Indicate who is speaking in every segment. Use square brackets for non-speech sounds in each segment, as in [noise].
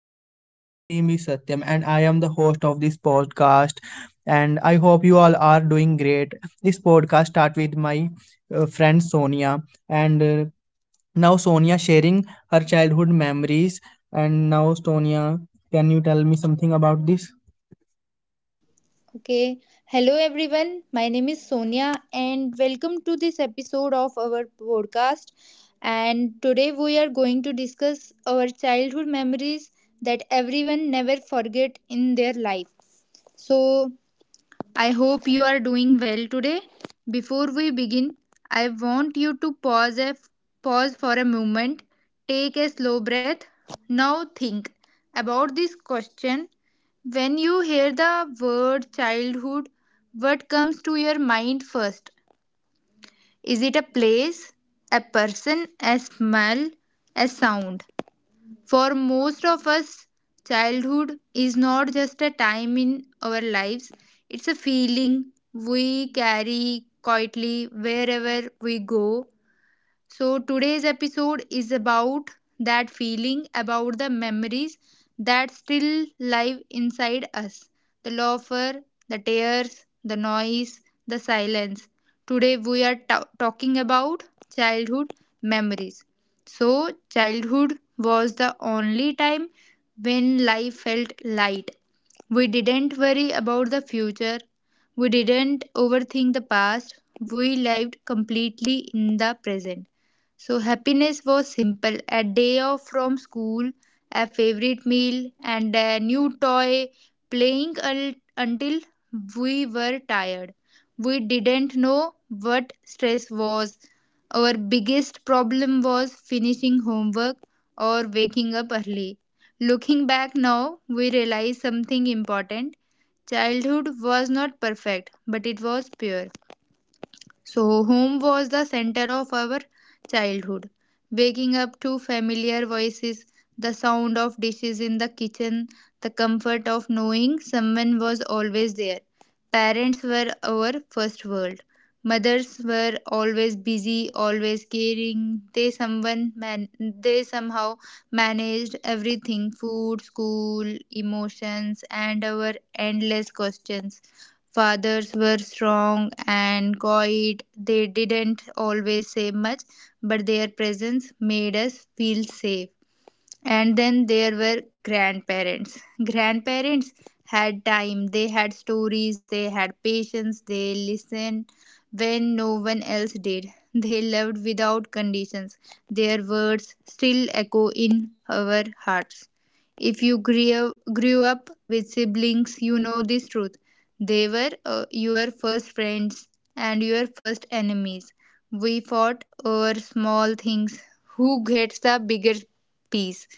Speaker 1: podcast. My name is Satyam and I am the host of this podcast and I hope you all are doing great. This podcast start with my friend Sonia and now Sonia sharing her childhood memories and now Sonia, can you tell me something about this?
Speaker 2: Okay. Hello, everyone. My name is Sonia, and welcome to this episode of our podcast. And today we are going to discuss our childhood memories that everyone never forget in their life. So, I hope you are doing well today. Before we begin, I want you to pause for a moment, take a slow breath. Now think about this question. When you hear the word childhood, what comes to your mind first? Is it a place, a person, a smell, a sound? For most of us, childhood is not just a time in our lives, it's a feeling we carry quietly wherever we go. So, today's episode is about that feeling, about the memories that still live inside us, the laughter, the tears, the noise, the silence. Today, we are talking about childhood memories. So, childhood was the only time when life felt light. We didn't worry about the future. We didn't overthink the past. We lived completely in the present. So happiness was simple. A day off from school, a favorite meal, and a new toy, playing al- until we were tired. We didn't know what stress was. Our biggest problem was finishing homework or waking up early. Looking back now, we realize something important. Childhood was not perfect, but it was pure. So, home was the center of our childhood. Waking up to familiar voices, the sound of dishes in the kitchen, the comfort of knowing someone was always there. Parents were our first world. Mothers were always busy, always caring. They somehow managed everything: food, school, emotions, and our endless questions. Fathers were strong and quiet. They didn't always say much, but their presence made us feel safe. And then there were grandparents. Grandparents had time, they had stories, they had patience, they listened when no one else did. They loved without conditions. Their words still echo in our hearts. If you grew up with siblings, you know this truth: they were your first friends and your first enemies. We fought over small things: who gets the bigger piece,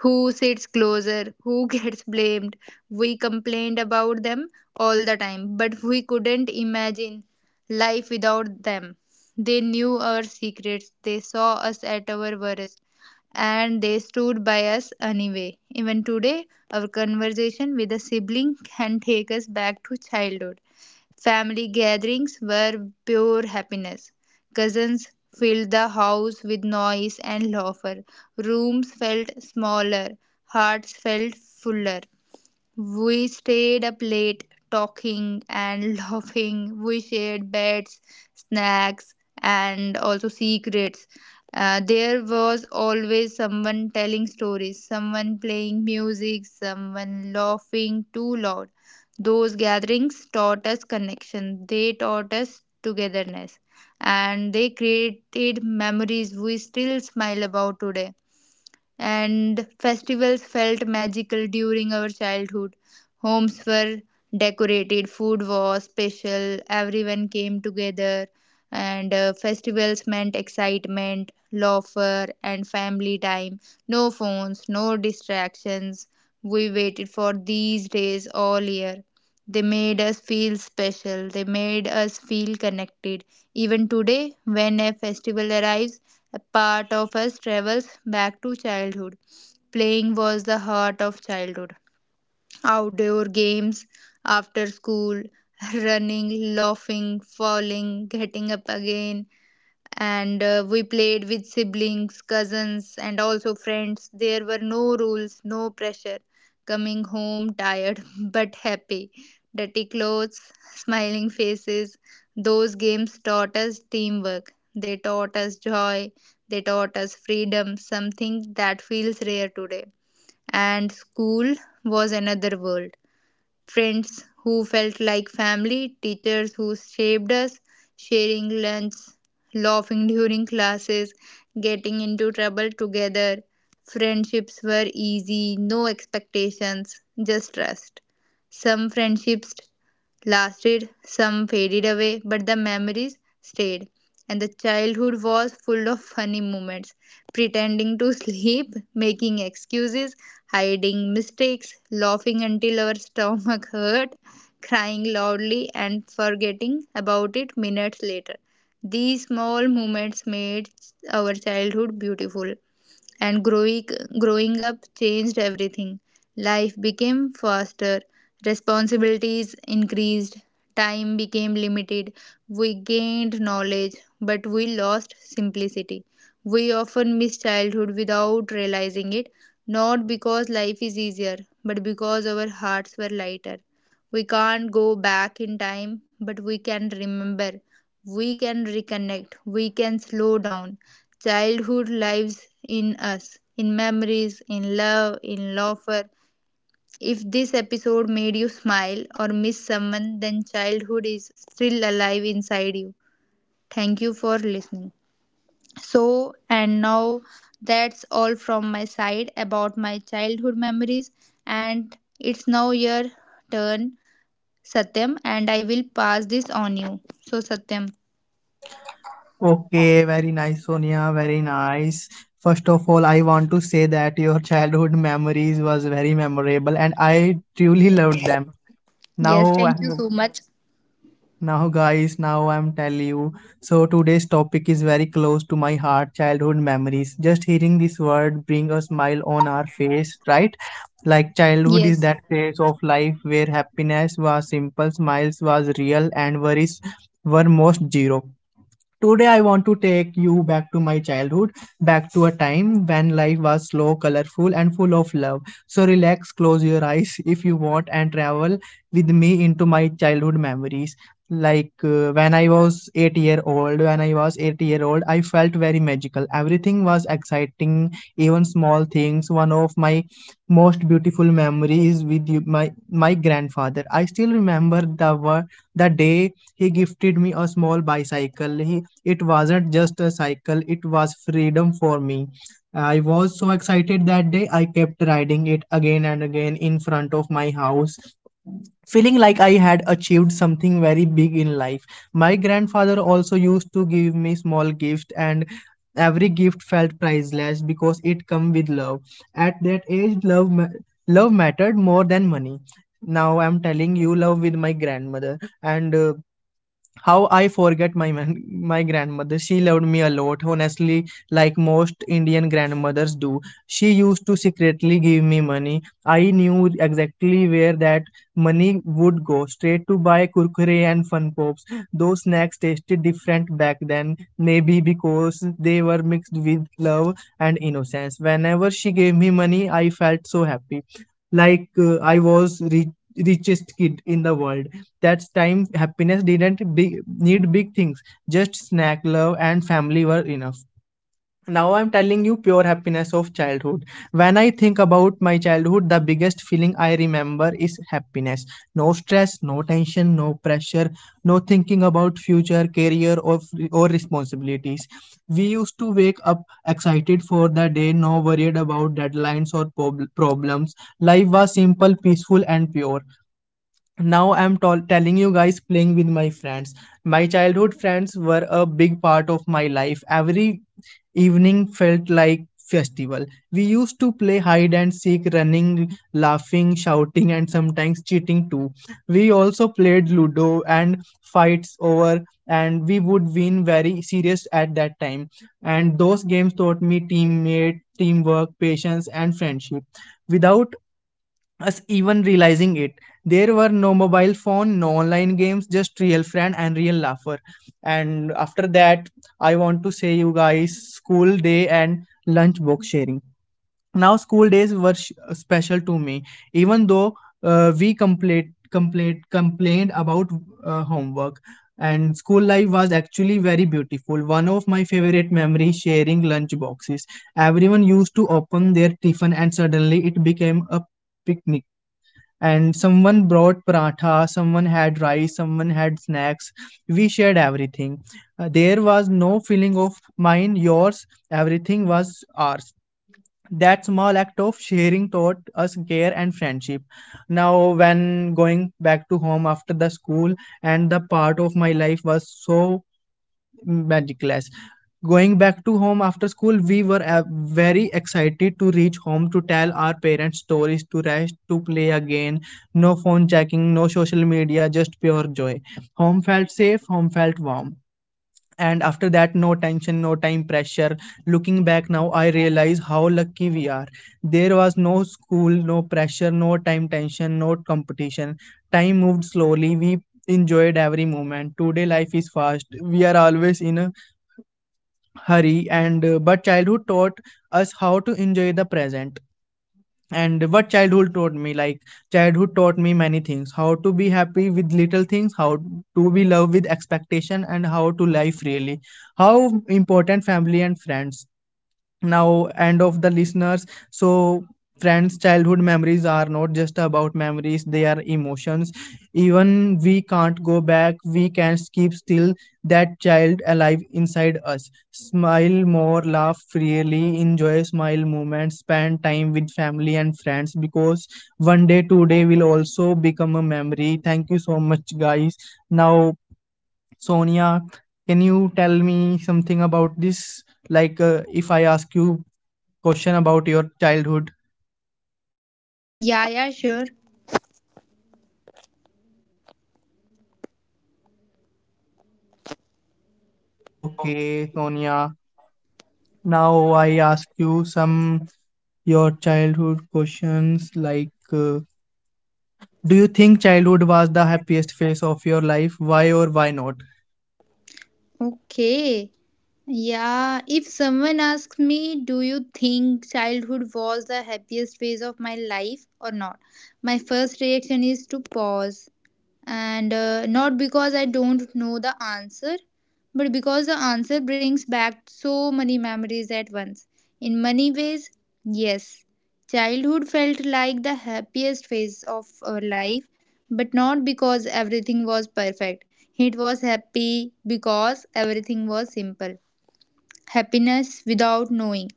Speaker 2: who sits closer, who [laughs] gets blamed. We complained about them all the time, but we couldn't imagine life without them. They knew our secrets, they saw us at our worst, and they stood by us anyway. Even today, our conversation with a sibling can take us back to childhood. Family gatherings were pure happiness. Cousins filled the house with noise and laughter. Rooms felt smaller, hearts felt fuller. We stayed up late talking and [laughs] laughing. We shared beds, snacks, and also secrets. There was always someone telling stories, someone playing music, someone laughing too loud. Those gatherings taught us connection, they taught us togetherness, and they created memories we still smile about today. And festivals felt magical during our childhood. Homes were decorated, food was special, everyone came together, and festivals meant excitement, laughter, and family time. No phones, no distractions. We waited for these days all year. They made us feel special. They made us feel connected. Even today, when a festival arrives, a part of us travels back to childhood. Playing was the heart of childhood. Outdoor games, after school, [laughs] running, laughing, falling, getting up again, and we played with siblings, cousins, and also friends. There were no rules, no pressure. Coming home tired [laughs] but happy. Dirty clothes, [laughs] smiling faces. Those games taught us teamwork. They taught us joy. They taught us freedom, something that feels rare today. And school was another world: friends who felt like family, teachers who shaped us, sharing lunch, laughing during classes, getting into trouble together. Friendships were easy, no expectations, just trust. Some friendships lasted, some faded away, but the memories stayed. And the childhood was full of funny moments: pretending to sleep, making excuses, hiding mistakes, laughing until our stomach hurt, crying loudly, and forgetting about it minutes later. These small moments made our childhood beautiful. And growing up changed everything. Life became faster, responsibilities increased, time became limited, we gained knowledge, but we lost simplicity. We often miss childhood without realizing it, not because life is easier, but because our hearts were lighter. We can't go back in time, but we can remember, we can reconnect, we can slow down. Childhood lives in us, in memories, in love, in laughter. If this episode made you smile or miss someone, then childhood is still alive inside you. Thank you for listening. So, and now, that's all from my side about my childhood memories. And it's now your turn, Satyam, and I will pass this on you. So, Satyam,
Speaker 1: Okay, very nice Sonia, very nice. First of all, I want to say that your childhood memories was very memorable and I truly loved them.
Speaker 2: yes,
Speaker 1: Now
Speaker 2: thank you so much.
Speaker 1: Now, guys, now I'm telling you. So, today's topic is very close to my heart, childhood memories. Just hearing this word bring a smile on our face, right? Like, childhood is
Speaker 2: Yes,
Speaker 1: that phase of life where happiness was simple, smiles was real, and worries were most zero. Today, I want to take you back to my childhood, back to a time when life was slow, colorful, and full of love. So, relax, close your eyes [laughs] if you want, and travel with me into my childhood memories. When I was 8-year-old, I felt very magical. Everything was exciting, even small things. One of my most beautiful memories with you, my grandfather. I still remember the word, the day he gifted me a small bicycle. He It wasn't just a cycle, it was freedom for me. I was so excited that day, I kept riding it again and again in front of my house, feeling like I had achieved something very big in life. My grandfather also used to give me small gifts, and every gift felt priceless because it come with love. At that age, love mattered more than money. Now I'm telling you, love with my grandmother, and how I forget my grandmother. She loved me a lot, honestly, like most Indian grandmothers do. She used to secretly give me money. I knew exactly where that money would go, straight to buy kurkure and fun pops. Those snacks tasted different back then, maybe because they were mixed with love and innocence. Whenever she gave me money, I felt so happy, I was richest kid in the world. That time happiness didn't big, need big things, just snack love and family were enough. Now I'm telling you, pure happiness of childhood. When I think about my childhood, the biggest feeling I remember is happiness. No stress, no tension, no pressure, no thinking about future career or responsibilities. We used to wake up excited for the day, no worried about deadlines or problems. Life was simple, peaceful and pure. Now I'm telling you guys, playing with my friends. My childhood friends were a big part of my life. Every evening felt like festival. We used to play hide and seek, running, laughing, shouting, and sometimes cheating too. We also played ludo and fights over, and we would win very serious at that time. And those games taught me teammate teamwork, patience and friendship without us even realizing it. There were no mobile phone, no online games, just real friend and real laughter. And after that, I want to say you guys, school day and lunch box sharing. Now school days were special to me, even though we complained about homework. And school life was actually very beautiful. One of my favorite memories, sharing lunch boxes. Everyone used to open their tiffin and suddenly it became a picnic. And someone brought paratha, someone had rice, someone had snacks. We shared everything. There was no feeling of mine, yours, everything was ours. That small act of sharing taught us care and friendship. Now, when going back to home after the school, and the part of my life was so magic class. Going back to home after school, we were very excited to reach home, to tell our parents stories, to rest, to play again. No phone checking, no social media, just pure joy. Home felt safe, home felt warm. And after that, no tension, no time pressure. Looking back now, I realize how lucky we are. There was no school, no pressure, no time tension, no competition. Time moved slowly, we enjoyed every moment. Today life is fast, we are always in a hurry, and but childhood taught us how to enjoy the present. And what childhood taught me, like childhood taught me many things, how to be happy with little things, how to be love with expectation, and how to live freely, how important family and friends. Now end of the listeners. So friends, childhood memories are not just about memories, they are emotions. Even we can't go back, we can keep still that child alive inside us. Smile more, laugh freely, enjoy smile moments, spend time with family and friends, because one day today will also become a memory. Thank you so much guys. Now Sonia, can you tell me something about this, if I ask you question about your childhood?
Speaker 2: yeah, yeah, sure.
Speaker 1: Okay, Sonia. Now I ask you some your childhood questions, do you think childhood was the happiest phase of your life? Why or why not?
Speaker 2: Okay. Yeah, if someone asks me, do you think childhood was the happiest phase of my life or not? My first reaction is to pause. And not because I don't know the answer, but because the answer brings back so many memories at once. In many ways, yes. Childhood felt like the happiest phase of our life, but not because everything was perfect. It was happy because everything was simple. Happiness without knowing.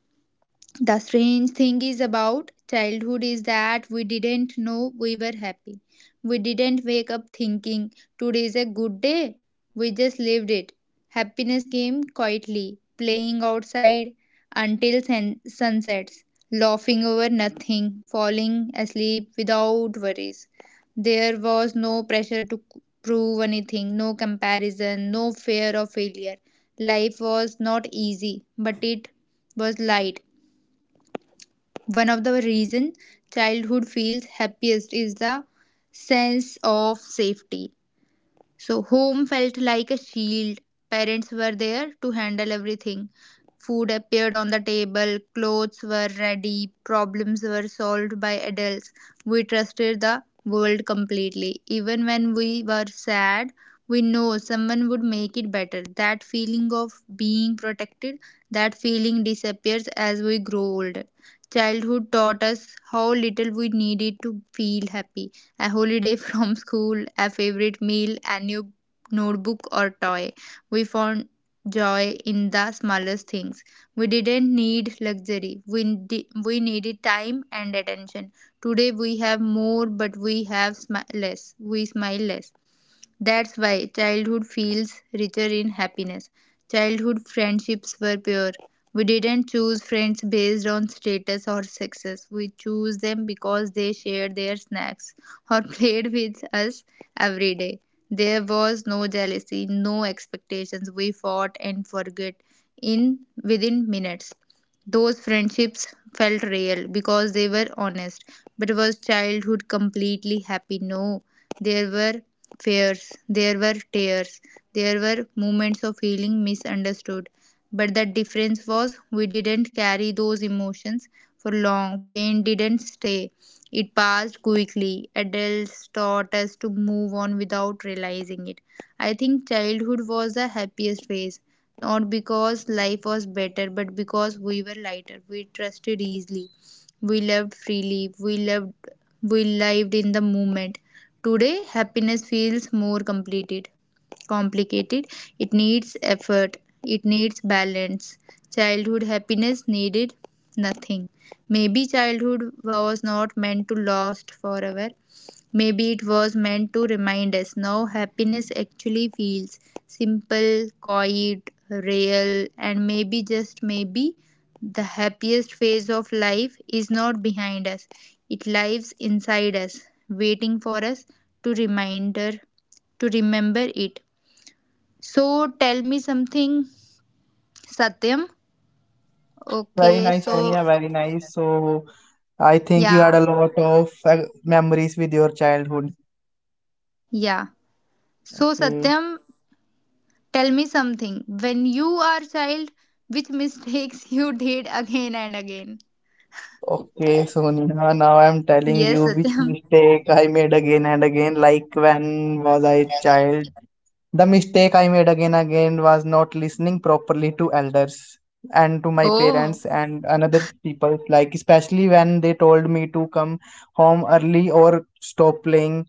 Speaker 2: The strange thing is about childhood is that we didn't know we were happy. We didn't wake up thinking today is a good day. We just lived it. Happiness came quietly, playing outside until sunsets, laughing over nothing, falling asleep without worries. There was no pressure to prove anything, no comparison, no fear of failure. Life was not easy, but it was light. One of the reason childhood feels happiest is the sense of safety. So, home felt like a shield. Parents were there to handle everything. Food appeared on the table, clothes were ready, problems were solved by adults. We trusted the world completely. Even when we were sad, we know someone would make it better. That feeling of being protected, that feeling disappears as we grow older. Childhood taught us how little we needed to feel happy: a holiday [laughs] from school, a favorite meal, a new notebook or toy. We found joy in the smallest things. We didn't need luxury. We needed time and attention. Today we have more but we have less. We smile less. That's why childhood feels richer in happiness. Childhood friendships were pure. We didn't choose friends based on status or success. We chose them because they shared their snacks, or [laughs] played with us every day. There was no jealousy, no expectations. We fought and forget in within minutes. Those friendships felt real because they were honest. But was childhood completely happy? No. There were fears, there were tears, there were moments of feeling misunderstood. But the difference was we didn't carry those emotions for long. Pain didn't stay. It passed quickly. Adults taught us to move on without realizing it. I think childhood was the happiest phase, not because life was better, but because we were lighter. We trusted easily. We loved freely. We lived in the moment. Today happiness feels more completed complicated. It needs effort. It needs balance. Childhood happiness needed nothing. Maybe childhood was not meant to last forever. Maybe it was meant to remind us now happiness actually feels simple, quiet, real, and maybe just maybe the happiest phase of life is not behind us. It lives inside us, waiting for us to reminder to remember it. So tell me something, Satyam.
Speaker 1: Very
Speaker 2: Okay,
Speaker 1: nice,
Speaker 2: so
Speaker 1: Sonia. Very nice. So I think you
Speaker 2: yeah,
Speaker 1: had a lot of memories with your childhood.
Speaker 2: yeah. So
Speaker 1: Okay.
Speaker 2: Satyam, tell me something. When you are child, which mistakes [laughs] you did again and again?
Speaker 1: Okay, Sonia, now I'm telling
Speaker 2: Yes,
Speaker 1: you which
Speaker 2: Satyam.
Speaker 1: mistake I made again and again. Like when was I child? The mistake I made again and again was not listening properly to elders and to my
Speaker 2: Oh,
Speaker 1: parents and another people. Like especially when they told me to come home early or stop playing.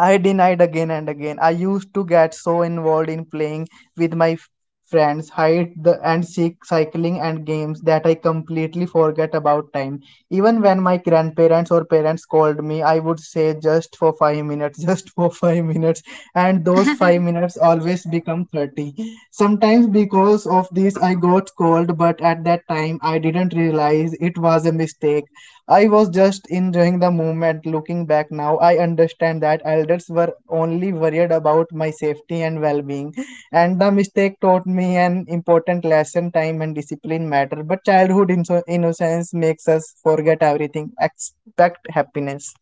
Speaker 1: I denied again and again. I used to get so involved in playing with my friends, hide the and seek cycling and games, that I completely forget about time. Even when my grandparents or parents called me, I would say just for 5 minutes, [laughs] just for 5 minutes, and those five
Speaker 2: [laughs]
Speaker 1: minutes always become 30. Sometimes because of this, I got called, but at that time I didn't realize it was a mistake. I was just enjoying the moment. Looking back now, I understand that elders were only worried about my safety and well being. And the mistake taught me an important lesson, time and discipline matter. But childhood innocence makes us forget everything, expect happiness.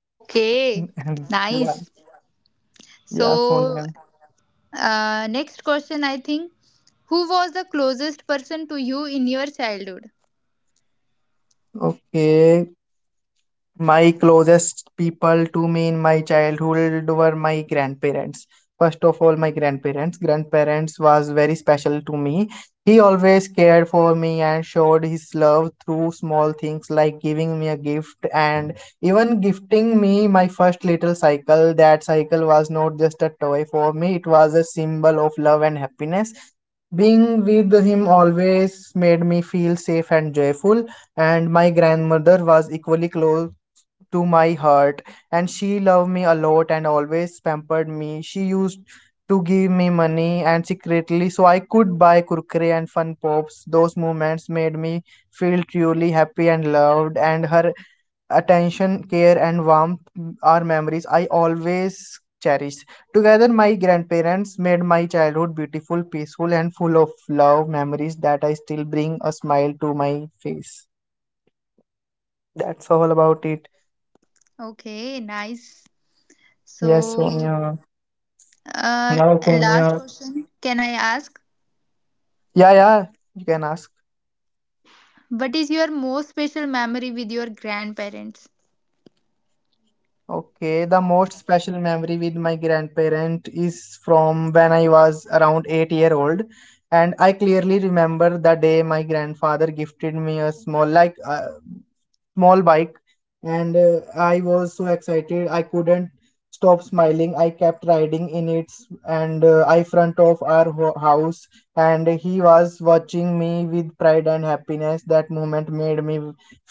Speaker 2: okay,
Speaker 1: [laughs] Yeah,
Speaker 2: nice.
Speaker 1: yeah,
Speaker 2: So
Speaker 1: Sonia.
Speaker 2: next question, I think. Who was the closest person to you in your childhood?
Speaker 1: Okay. My closest people to me in my childhood were my grandparents. First of all, my grandparents. Grandparents was very special to me. He always cared for me and showed his love through small things, like giving me a gift and even gifting me my first little cycle. That cycle was not just a toy for me, it was a symbol of love and happiness. Being with him always made me feel safe and joyful. And my grandmother was equally close to my heart, and she loved me a lot and always pampered me. She used to give me money and secretly, so I could buy kurkure and fun pops. Those moments made me feel truly happy and loved. And her attention, care and warmth are memories I always cherish. Together my grandparents made my childhood beautiful, peaceful and full of love, memories that I still bring a smile to my face. That's all about it.
Speaker 2: Okay, nice.
Speaker 1: Yes,
Speaker 2: So
Speaker 1: Sonia.
Speaker 2: Uh,
Speaker 1: Now,
Speaker 2: last
Speaker 1: Sonia.
Speaker 2: question, can I ask?
Speaker 1: Yeah, yeah, you can ask.
Speaker 2: What is your most special memory with your grandparents?
Speaker 1: Okay, the most special memory with my grandparent is from when I was around 8-year old, and I clearly remember the day my grandfather gifted me a small, small bike. And I was so excited I couldn't stop smiling. I kept riding in it, and I front of our house, and he was watching me with pride and happiness. That moment made me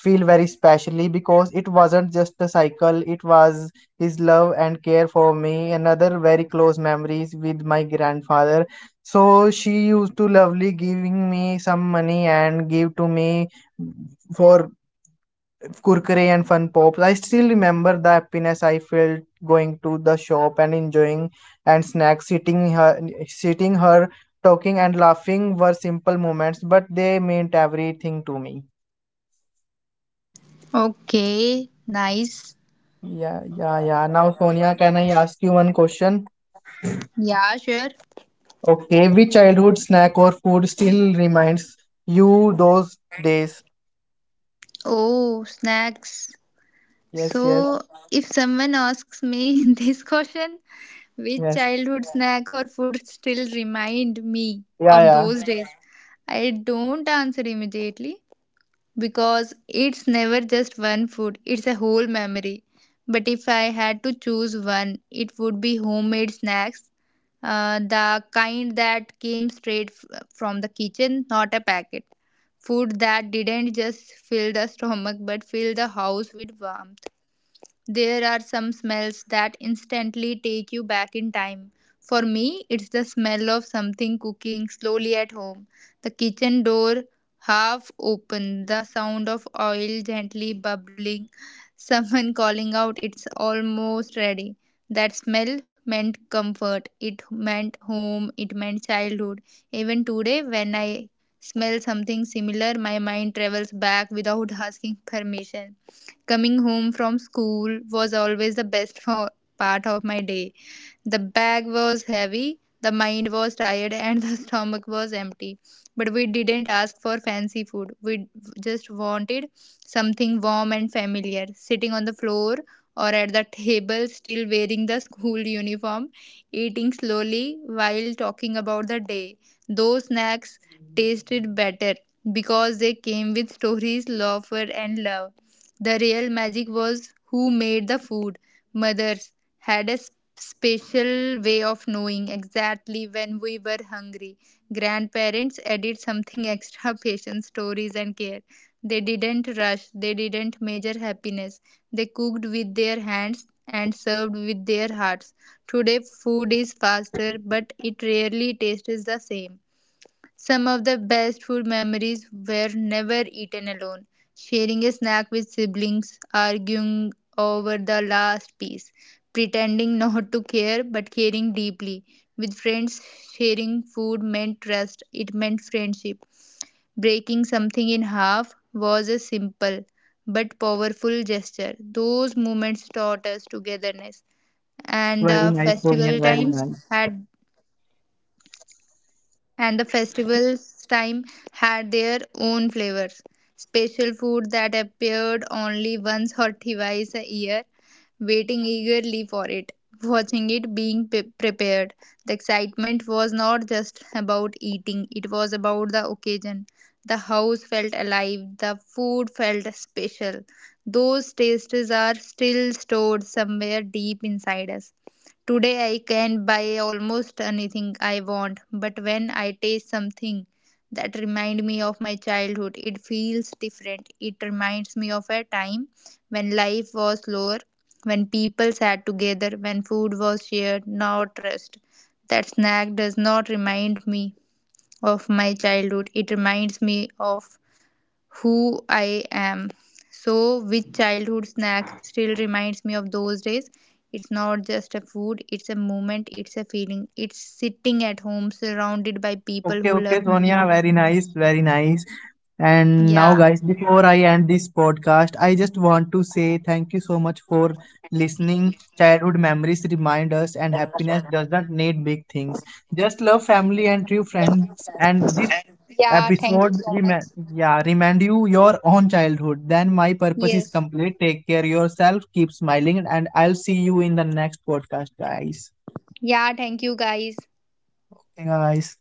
Speaker 1: feel very specially because it wasn't just a cycle, it was his love and care for me. Another very close memories with my grandfather. So she used to lovely giving me some money and give to me for Kurkure and Fun Pops. I still remember the happiness I felt going to the shop and enjoying and snacks, sitting her, talking and laughing were simple moments, but they meant everything to me.
Speaker 2: Okay, nice.
Speaker 1: Yeah, yeah, yeah. Now, Sonia, can I ask you one question?
Speaker 2: Yeah, sure.
Speaker 1: Okay, which childhood snack or food still reminds you those days?
Speaker 2: Oh, snacks.
Speaker 1: Yes, yes,
Speaker 2: So, if someone asks me [laughs] this question, which
Speaker 1: yes.
Speaker 2: childhood snack or food still remind me
Speaker 1: Yeah,
Speaker 2: of
Speaker 1: yeah.
Speaker 2: those days? I don't answer immediately, because it's never just one food, it's a whole memory. But if I had to choose one, it would be homemade snacks, the kind that came straight from the kitchen, not a packet. Food that didn't just fill the stomach but fill the house with warmth. There are some smells that instantly take you back in time. For me, it's the smell of something cooking slowly at home, the kitchen door half open, the sound of oil gently bubbling, [laughs] someone calling out, "It's almost ready." That smell meant comfort, it meant home, it meant childhood. Even today, when I smell something similar, my mind travels back without [laughs] asking permission. Coming home from school was always the best for part of my day. The bag was heavy, the mind was tired, and the [laughs] stomach was empty. But we didn't ask for fancy food. We just wanted something warm and familiar. Sitting on the floor or at the table, still wearing the school uniform, eating slowly while talking about the day. Those snacks tasted better because they came with stories, laughter, and love. The real magic was who made the food. Mothers had a special way of knowing exactly when we were hungry. Grandparents added something extra: [laughs] patience, stories, and care. They didn't rush, they didn't measure happiness. They cooked with their hands and served with their hearts. Today, food is faster, but it rarely tastes the same. Some of the best food memories were never eaten alone. Sharing a snack with siblings, arguing over the last piece, pretending [laughs] not to care but caring deeply. With friends, sharing food meant trust, it meant friendship. Breaking something in half was a simple but powerful gesture. Those moments taught us togetherness. and
Speaker 1: Oh,
Speaker 2: the
Speaker 1: very nice,
Speaker 2: festival
Speaker 1: Sonia. Very
Speaker 2: times
Speaker 1: nice.
Speaker 2: had and the festival's time had their own flavors. Special food that appeared only once or twice a year, waiting eagerly for it, watching it being prepared. The excitement was not just about eating, it was about the occasion. The house felt alive, the food felt special. Those tastes are still stored somewhere deep inside us. Today I can buy almost anything I want, but when I taste something that reminds me of my childhood, it feels different. It reminds me of a time when life was slower, when people sat together, when food was shared, not rushed. That snack does not remind me of my childhood. It reminds me of who I am. So, which childhood snack still reminds me of those days? It's not just a food, it's a moment, it's a feeling. It's sitting at home surrounded by people
Speaker 1: Okay,
Speaker 2: who
Speaker 1: okay,
Speaker 2: loved me.
Speaker 1: Sonia. Very nice, very nice. And now,
Speaker 2: Yeah.
Speaker 1: guys, before I end this podcast, I just want to say thank you so much for listening. Childhood memories remind us, and happiness doesn't need big things. Just love family and true friends. And this
Speaker 2: Yeah, thank you
Speaker 1: episode,
Speaker 2: so much.
Speaker 1: remind yeah, remind you your own childhood, then my purpose is
Speaker 2: Yes.
Speaker 1: complete. Take care yourself, keep smiling, and I'll see you in the next podcast, guys.
Speaker 2: Yeah, thank you guys.
Speaker 1: Okay, guys.